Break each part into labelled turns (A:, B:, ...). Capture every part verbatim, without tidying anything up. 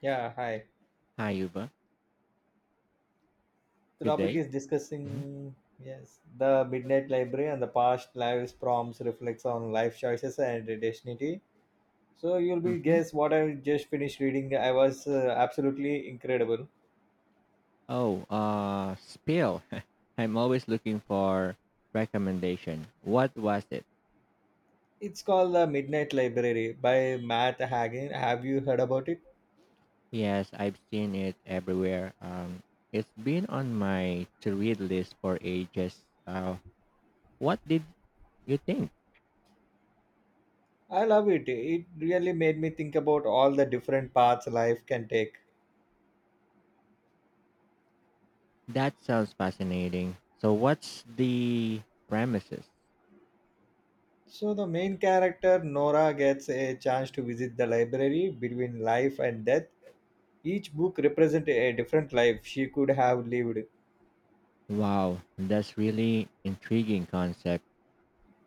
A: Yeah, hi.
B: Hi, Yuba.
A: The
B: Good
A: topic
B: day.
A: is
B: Mm-hmm.
A: discussing yes the Midnight Library and the past lives prompts reflects on life choices and destiny. So you'll be
B: hmm
A: guess what I just finished reading. I was uh, absolutely incredible.
B: Oh, uh, spill. I'm always looking for recommendation. What was it?
A: It's called the Midnight Library by Matt Hagen. Have you heard about it?
B: Yes, I've seen it everywhere. Um, it's been on my to-read list for ages. Uh, what did you think?
A: I love it. It really made me think about all the different paths life can take.
B: That sounds fascinating. So, what's the premises?
A: So the main character Nora gets a chance to visit the library between life and death. Each book represents a different life she could have lived.
B: Wow, that's really intriguing concept.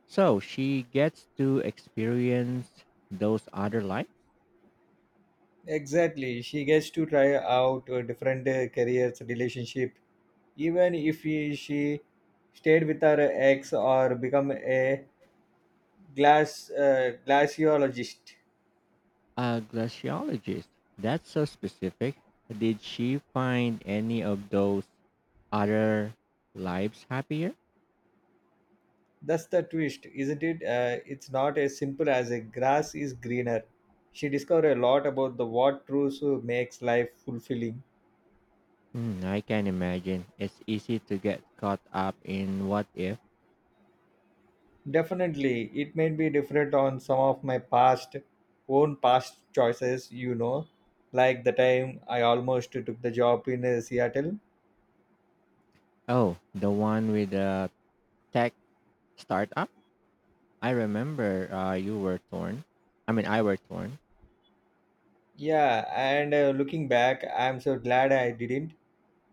B: So she gets to experience those other lives.
A: Exactly, she gets to try out uh, different uh, careers, relationship, even if he, she stayed with her ex or become a glass uh, glaciologist.
B: A glaciologist. That's so specific. Did she find any of those other lives happier?
A: That's the twist, isn't it? Uh, it's not as simple as a grass is greener. She discovered a lot about the what truth makes life fulfilling.
B: Hmm, I can imagine. It's easy to get caught up in what if.
A: Definitely, it may be different on some of my past own past choices, you know, like the time I almost took the job in uh, Seattle.
B: Oh, the one with the tech startup? I remember uh, you were torn. I mean, I were torn.
A: Yeah, and uh, looking back, I'm so glad I didn't.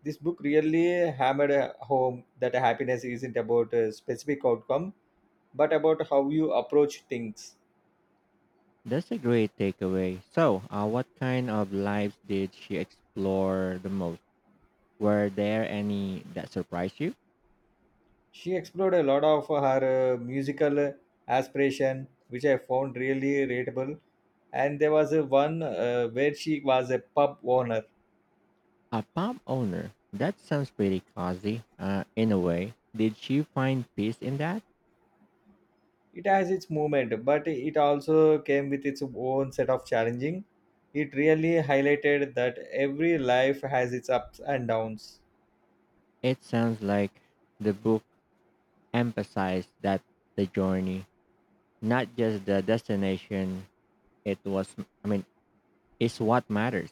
A: This book really hammered uh, home that happiness isn't about a specific outcome, but about how you approach things.
B: That's a great takeaway. So, uh, what kind of lives did she explore the most? Were there any that surprised you?
A: She explored a lot of her uh, musical aspiration which I found really relatable. And there was a one uh, where she was a pub owner.
B: A pub owner. That sounds pretty cozy, uh, in a way. Did she find peace in that?
A: It has its movement but it also came with its own set of challenging. It really highlighted that every life has its ups and downs.
B: It sounds like the book emphasized that the journey, not just the destination, it was, I mean, is what matters.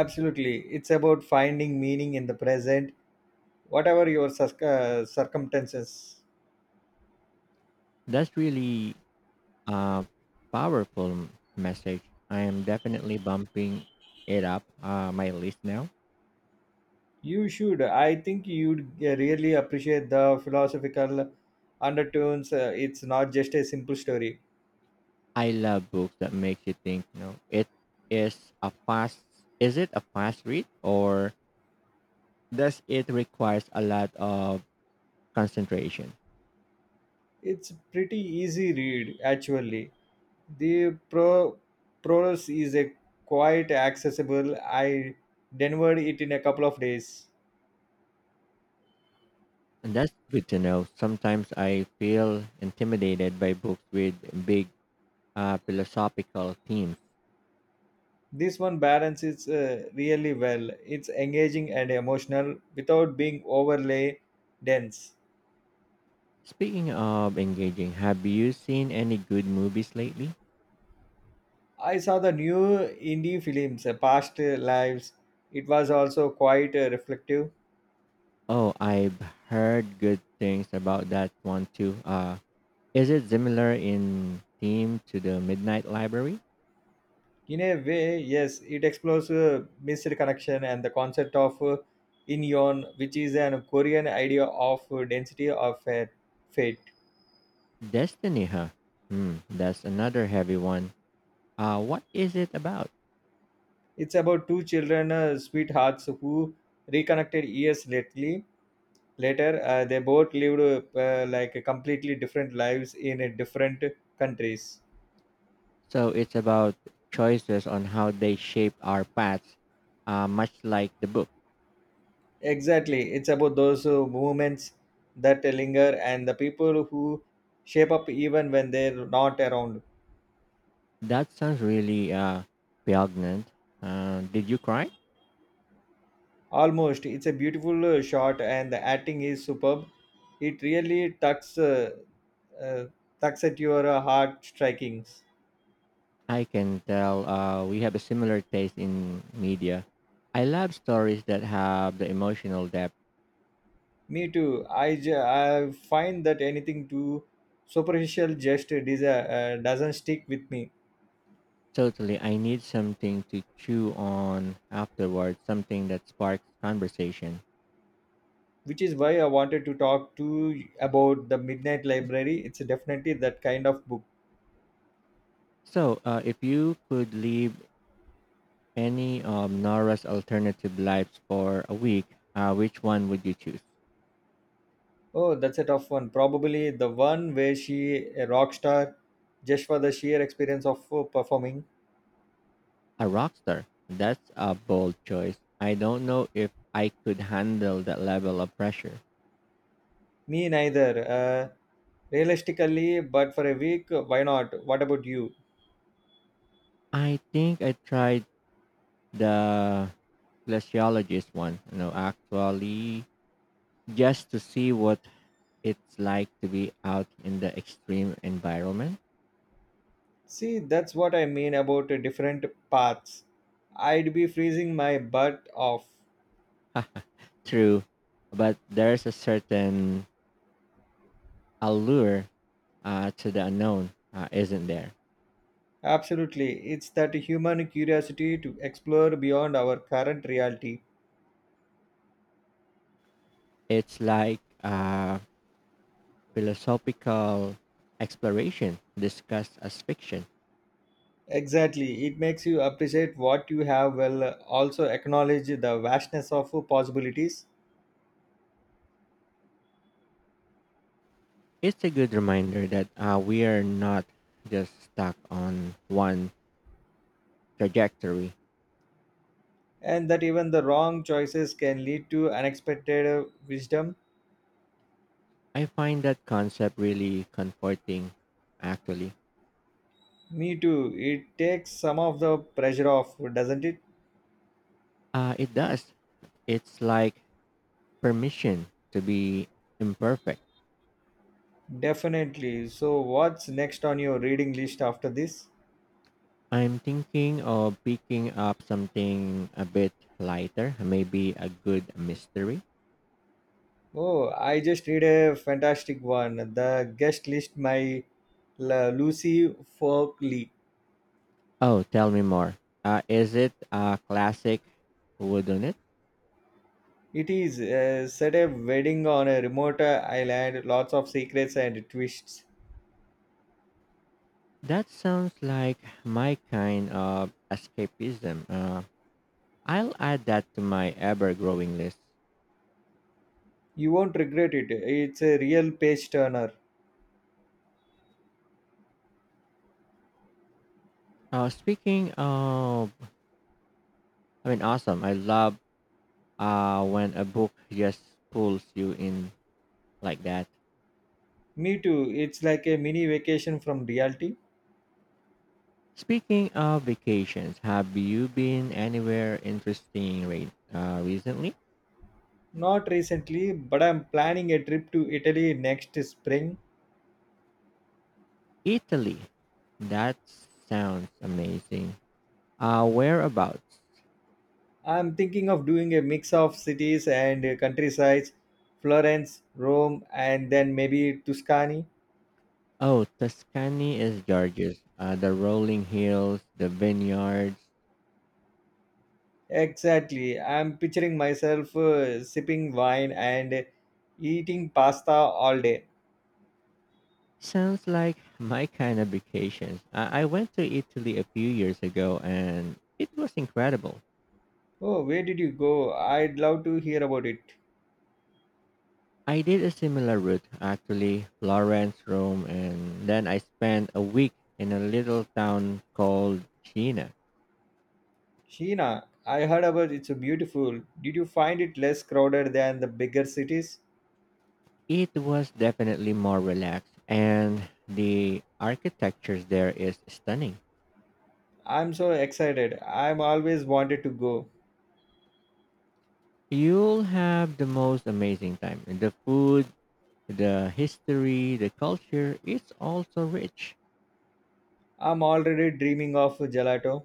A: Absolutely, it's about finding meaning in the present, whatever your circ- uh, circumstances.
B: That's really a powerful m- message. I am definitely bumping it up uh, my list now.
A: You should. I think you'd really appreciate the philosophical undertones. Uh, it's not just a simple story.
B: I love books that makes you think, you know, it is a fast, is it a fast read or thus, it requires a lot of concentration.
A: It's pretty easy read actually. The pro prose is a quite accessible. I devoured it in a couple of days.
B: And that's good to know. Sometimes I feel intimidated by books with big uh, philosophical themes.
A: This one balances uh, really well. It's engaging and emotional without being overly dense.
B: Speaking of engaging, have you seen any good movies lately?
A: I saw the new indie films, uh, Past uh, Lives. It was also quite uh, reflective.
B: Oh, I've heard good things about that one too. Uh, is it similar in theme to the Midnight Library?
A: In a way, yes, it explores uh, missed connection and the concept of uh, inyeon, which is an Korean idea of uh, density of uh, fate.
B: Destiny, huh? Hmm, that's another heavy one. Uh, what is it about?
A: It's about two children, uh, sweethearts, who reconnected years lately. Later, uh, they both lived uh, like completely different lives in uh, different countries.
B: So it's about choices on how they shape our paths, uh, much like the book.
A: Exactly. It's about those uh, movements that linger and the people who shape up even when they're not around.
B: That sounds really uh, poignant. Uh, did you cry?
A: Almost. It's a beautiful uh, shot and the acting is superb. It really tucks, uh, uh, tucks at your uh, heart strikings.
B: I can tell uh, we have a similar taste in media. I love stories that have the emotional depth.
A: Me too. I, j- I find that anything too superficial just dis- uh, doesn't stick with me.
B: Totally, I need something to chew on afterwards, something that sparks conversation.
A: Which is why I wanted to talk to you about the Midnight Library. It's definitely that kind of book.
B: So, uh, if you could leave any of Nora's alternative lives for a week, uh, which one would you choose?
A: Oh, that's a tough one. Probably the one where she a rock star just for the sheer experience of uh, performing.
B: A rock star. That's a bold choice. I don't know if I could handle that level of pressure.
A: Me neither. Uh, realistically, but for a week, why not? What about you?
B: I think I tried the glaciologist one, you know, actually just to see what it's like to be out in the extreme environment.
A: See, that's what I mean about uh, different paths. I'd be freezing my butt off.
B: Ha, true, but there's a certain allure uh, to the unknown, uh, isn't there?
A: Absolutely. It's that human curiosity to explore beyond our current reality.
B: It's like a philosophical exploration discussed as fiction.
A: Exactly. It makes you appreciate what you have while uh, also acknowledge the vastness of uh, possibilities.
B: It's a good reminder that uh, we are not just stuck on one trajectory.
A: And that even the wrong choices can lead to unexpected uh, wisdom.
B: I find that concept really comforting, actually.
A: Me too. It takes some of the pressure off, doesn't it?
B: Uh, it does. It's like permission to be imperfect.
A: Definitely. So, what's next on your reading list after this?
B: I'm thinking of picking up something a bit lighter, maybe a good mystery.
A: Oh, I just read a fantastic one. The guest list by La Lucy Folkley.
B: Oh, tell me more. Uh, is it a classic, wouldn't it?
A: It is uh, set a wedding on a remote uh, island, lots of secrets and twists.
B: That sounds like my kind of escapism. Uh, I'll add that to my ever growing list.
A: You won't regret it. It's a real page turner.
B: Uh, speaking of, I mean, awesome. I love uh, when a book just pulls you in like that.
A: Me too. It's like a mini vacation from reality.
B: Speaking of vacations, have you been anywhere interesting re- uh, recently?
A: Not recently, but I'm planning a trip to Italy next spring.
B: Italy. That sounds amazing. Uh, whereabouts?
A: I'm thinking of doing a mix of cities and uh, countrysides, Florence, Rome, and then maybe Tuscany.
B: Oh, Tuscany is gorgeous. Uh, the rolling hills, the vineyards.
A: Exactly. I'm picturing myself uh, sipping wine and uh, eating pasta all day.
B: Sounds like my kind of vacations. I I went to Italy a few years ago and it was incredible.
A: Oh, where did you go? I'd love to hear about it.
B: I did a similar route actually, Florence, Rome, and then I spent a week in a little town called China.
A: Sheena, I heard about it's beautiful. Did you find it less crowded than the bigger cities?
B: It was definitely more relaxed and the architecture there is stunning.
A: I'm so excited. I'm always wanted to go.
B: You'll have the most amazing time. The food, the history, the culture, it's also rich.
A: I'm already dreaming of gelato.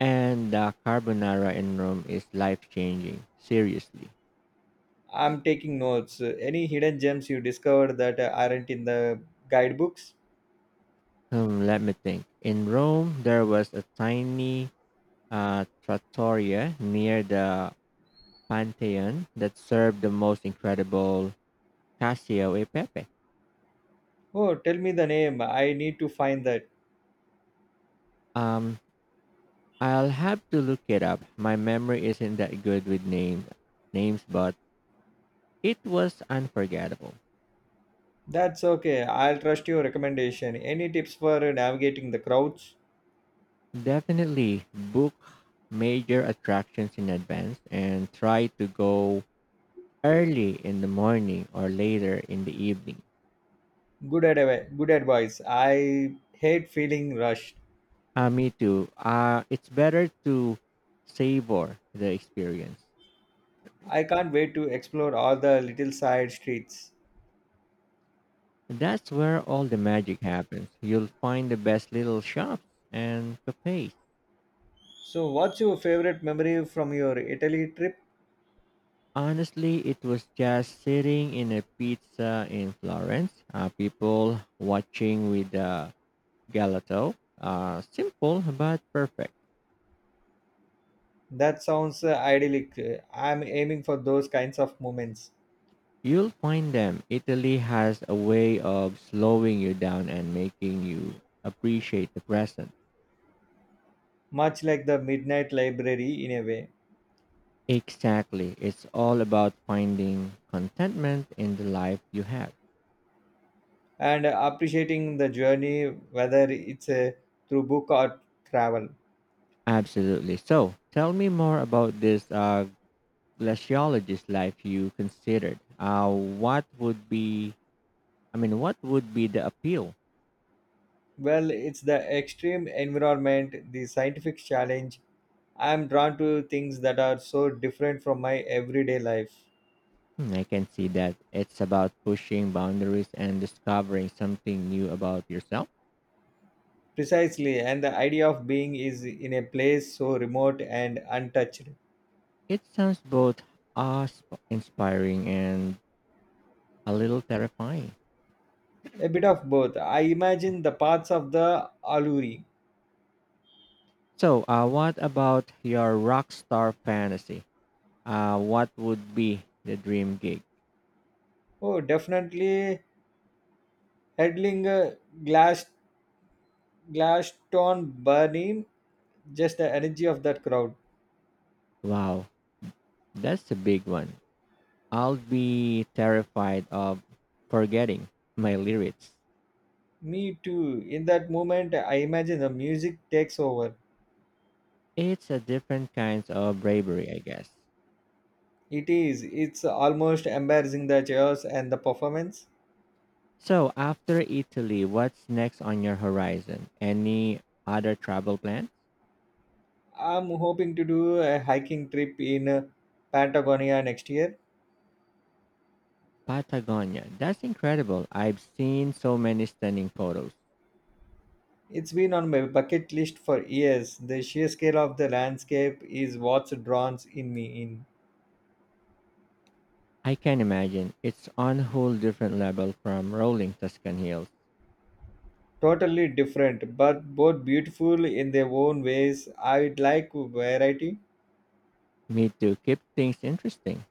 B: And the carbonara in Rome is life changing. Seriously.
A: I'm taking notes. Any hidden gems you discovered that aren't in the guidebooks?
B: Hmm, let me think. In Rome, there was a tiny uh, trattoria near the Pantheon that served the most incredible Casio e Pepe.
A: Oh, tell me the name. I need to find that.
B: Um, I'll have to look it up. My memory isn't that good with name, names, but it was unforgettable.
A: That's okay. I'll trust your recommendation. Any tips for navigating the crowds?
B: Definitely book major attractions in advance and try to go early in the morning or later in the evening.
A: Good advice. Good advice. I hate feeling rushed.
B: Uh, me too. Uh, it's better to savor the experience.
A: I can't wait to explore all the little side streets.
B: That's where all the magic happens. You'll find the best little shops and cafes.
A: So, what's your favorite memory from your Italy trip?
B: Honestly, it was just sitting in a pizza in Florence, uh, people watching with the gelato. Uh, simple but perfect.
A: That sounds uh, idyllic. Uh, I'm aiming for those kinds of moments,
B: You'll find them. Italy has a way of slowing you down and making you appreciate the present.
A: much like the Midnight Library in a way,
B: Exactly. It's all about finding contentment in the life you have.
A: and appreciating the journey, whether it's uh, through book or travel.
B: Absolutely. So, tell me more about this uh, glaciologist life you considered. Uh, what would be, I mean, what would be the appeal?
A: Well, it's the extreme environment, the scientific challenge. I'm drawn to things that are so different from my everyday life.
B: Hmm, I can see that it's about pushing boundaries and discovering something new about yourself.
A: Precisely, and the idea of being is in a place so remote and untouched.
B: It sounds both awe-sp- inspiring and a little terrifying.
A: A bit of both. I imagine the parts of the Aluri.
B: So, uh, what about your rock star fantasy? Uh, what would be the dream gig?
A: Oh, definitely headling uh, Glass Glaston burning just the energy of that crowd.
B: Wow, that's a big one. I'll be terrified of forgetting my lyrics.
A: Me too. In that moment, I imagine the music takes over.
B: It's a different kind of bravery, I guess.
A: It is. It's almost embarrassing the chairs and the performance.
B: So, after Italy, what's next on your horizon? Any other travel plan?
A: I'm hoping to do a hiking trip in uh, Patagonia next year.
B: Patagonia. That's incredible. I've seen so many stunning photos.
A: It's been on my bucket list for years. The sheer scale of the landscape is what's drawn in me in.
B: I can imagine it's on a whole different level from rolling Tuscan hills.
A: Totally different, but both beautiful in their own ways. I'd like variety.
B: Me to keep things interesting.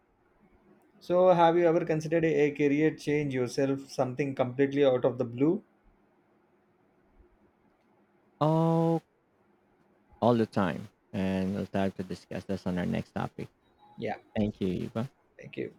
A: So, have you ever considered a career change yourself, something completely out of the blue?
B: Oh, all the time. And we'll have to discuss this on our next topic.
A: Yeah,
B: Thank you, Eva.
A: thank you.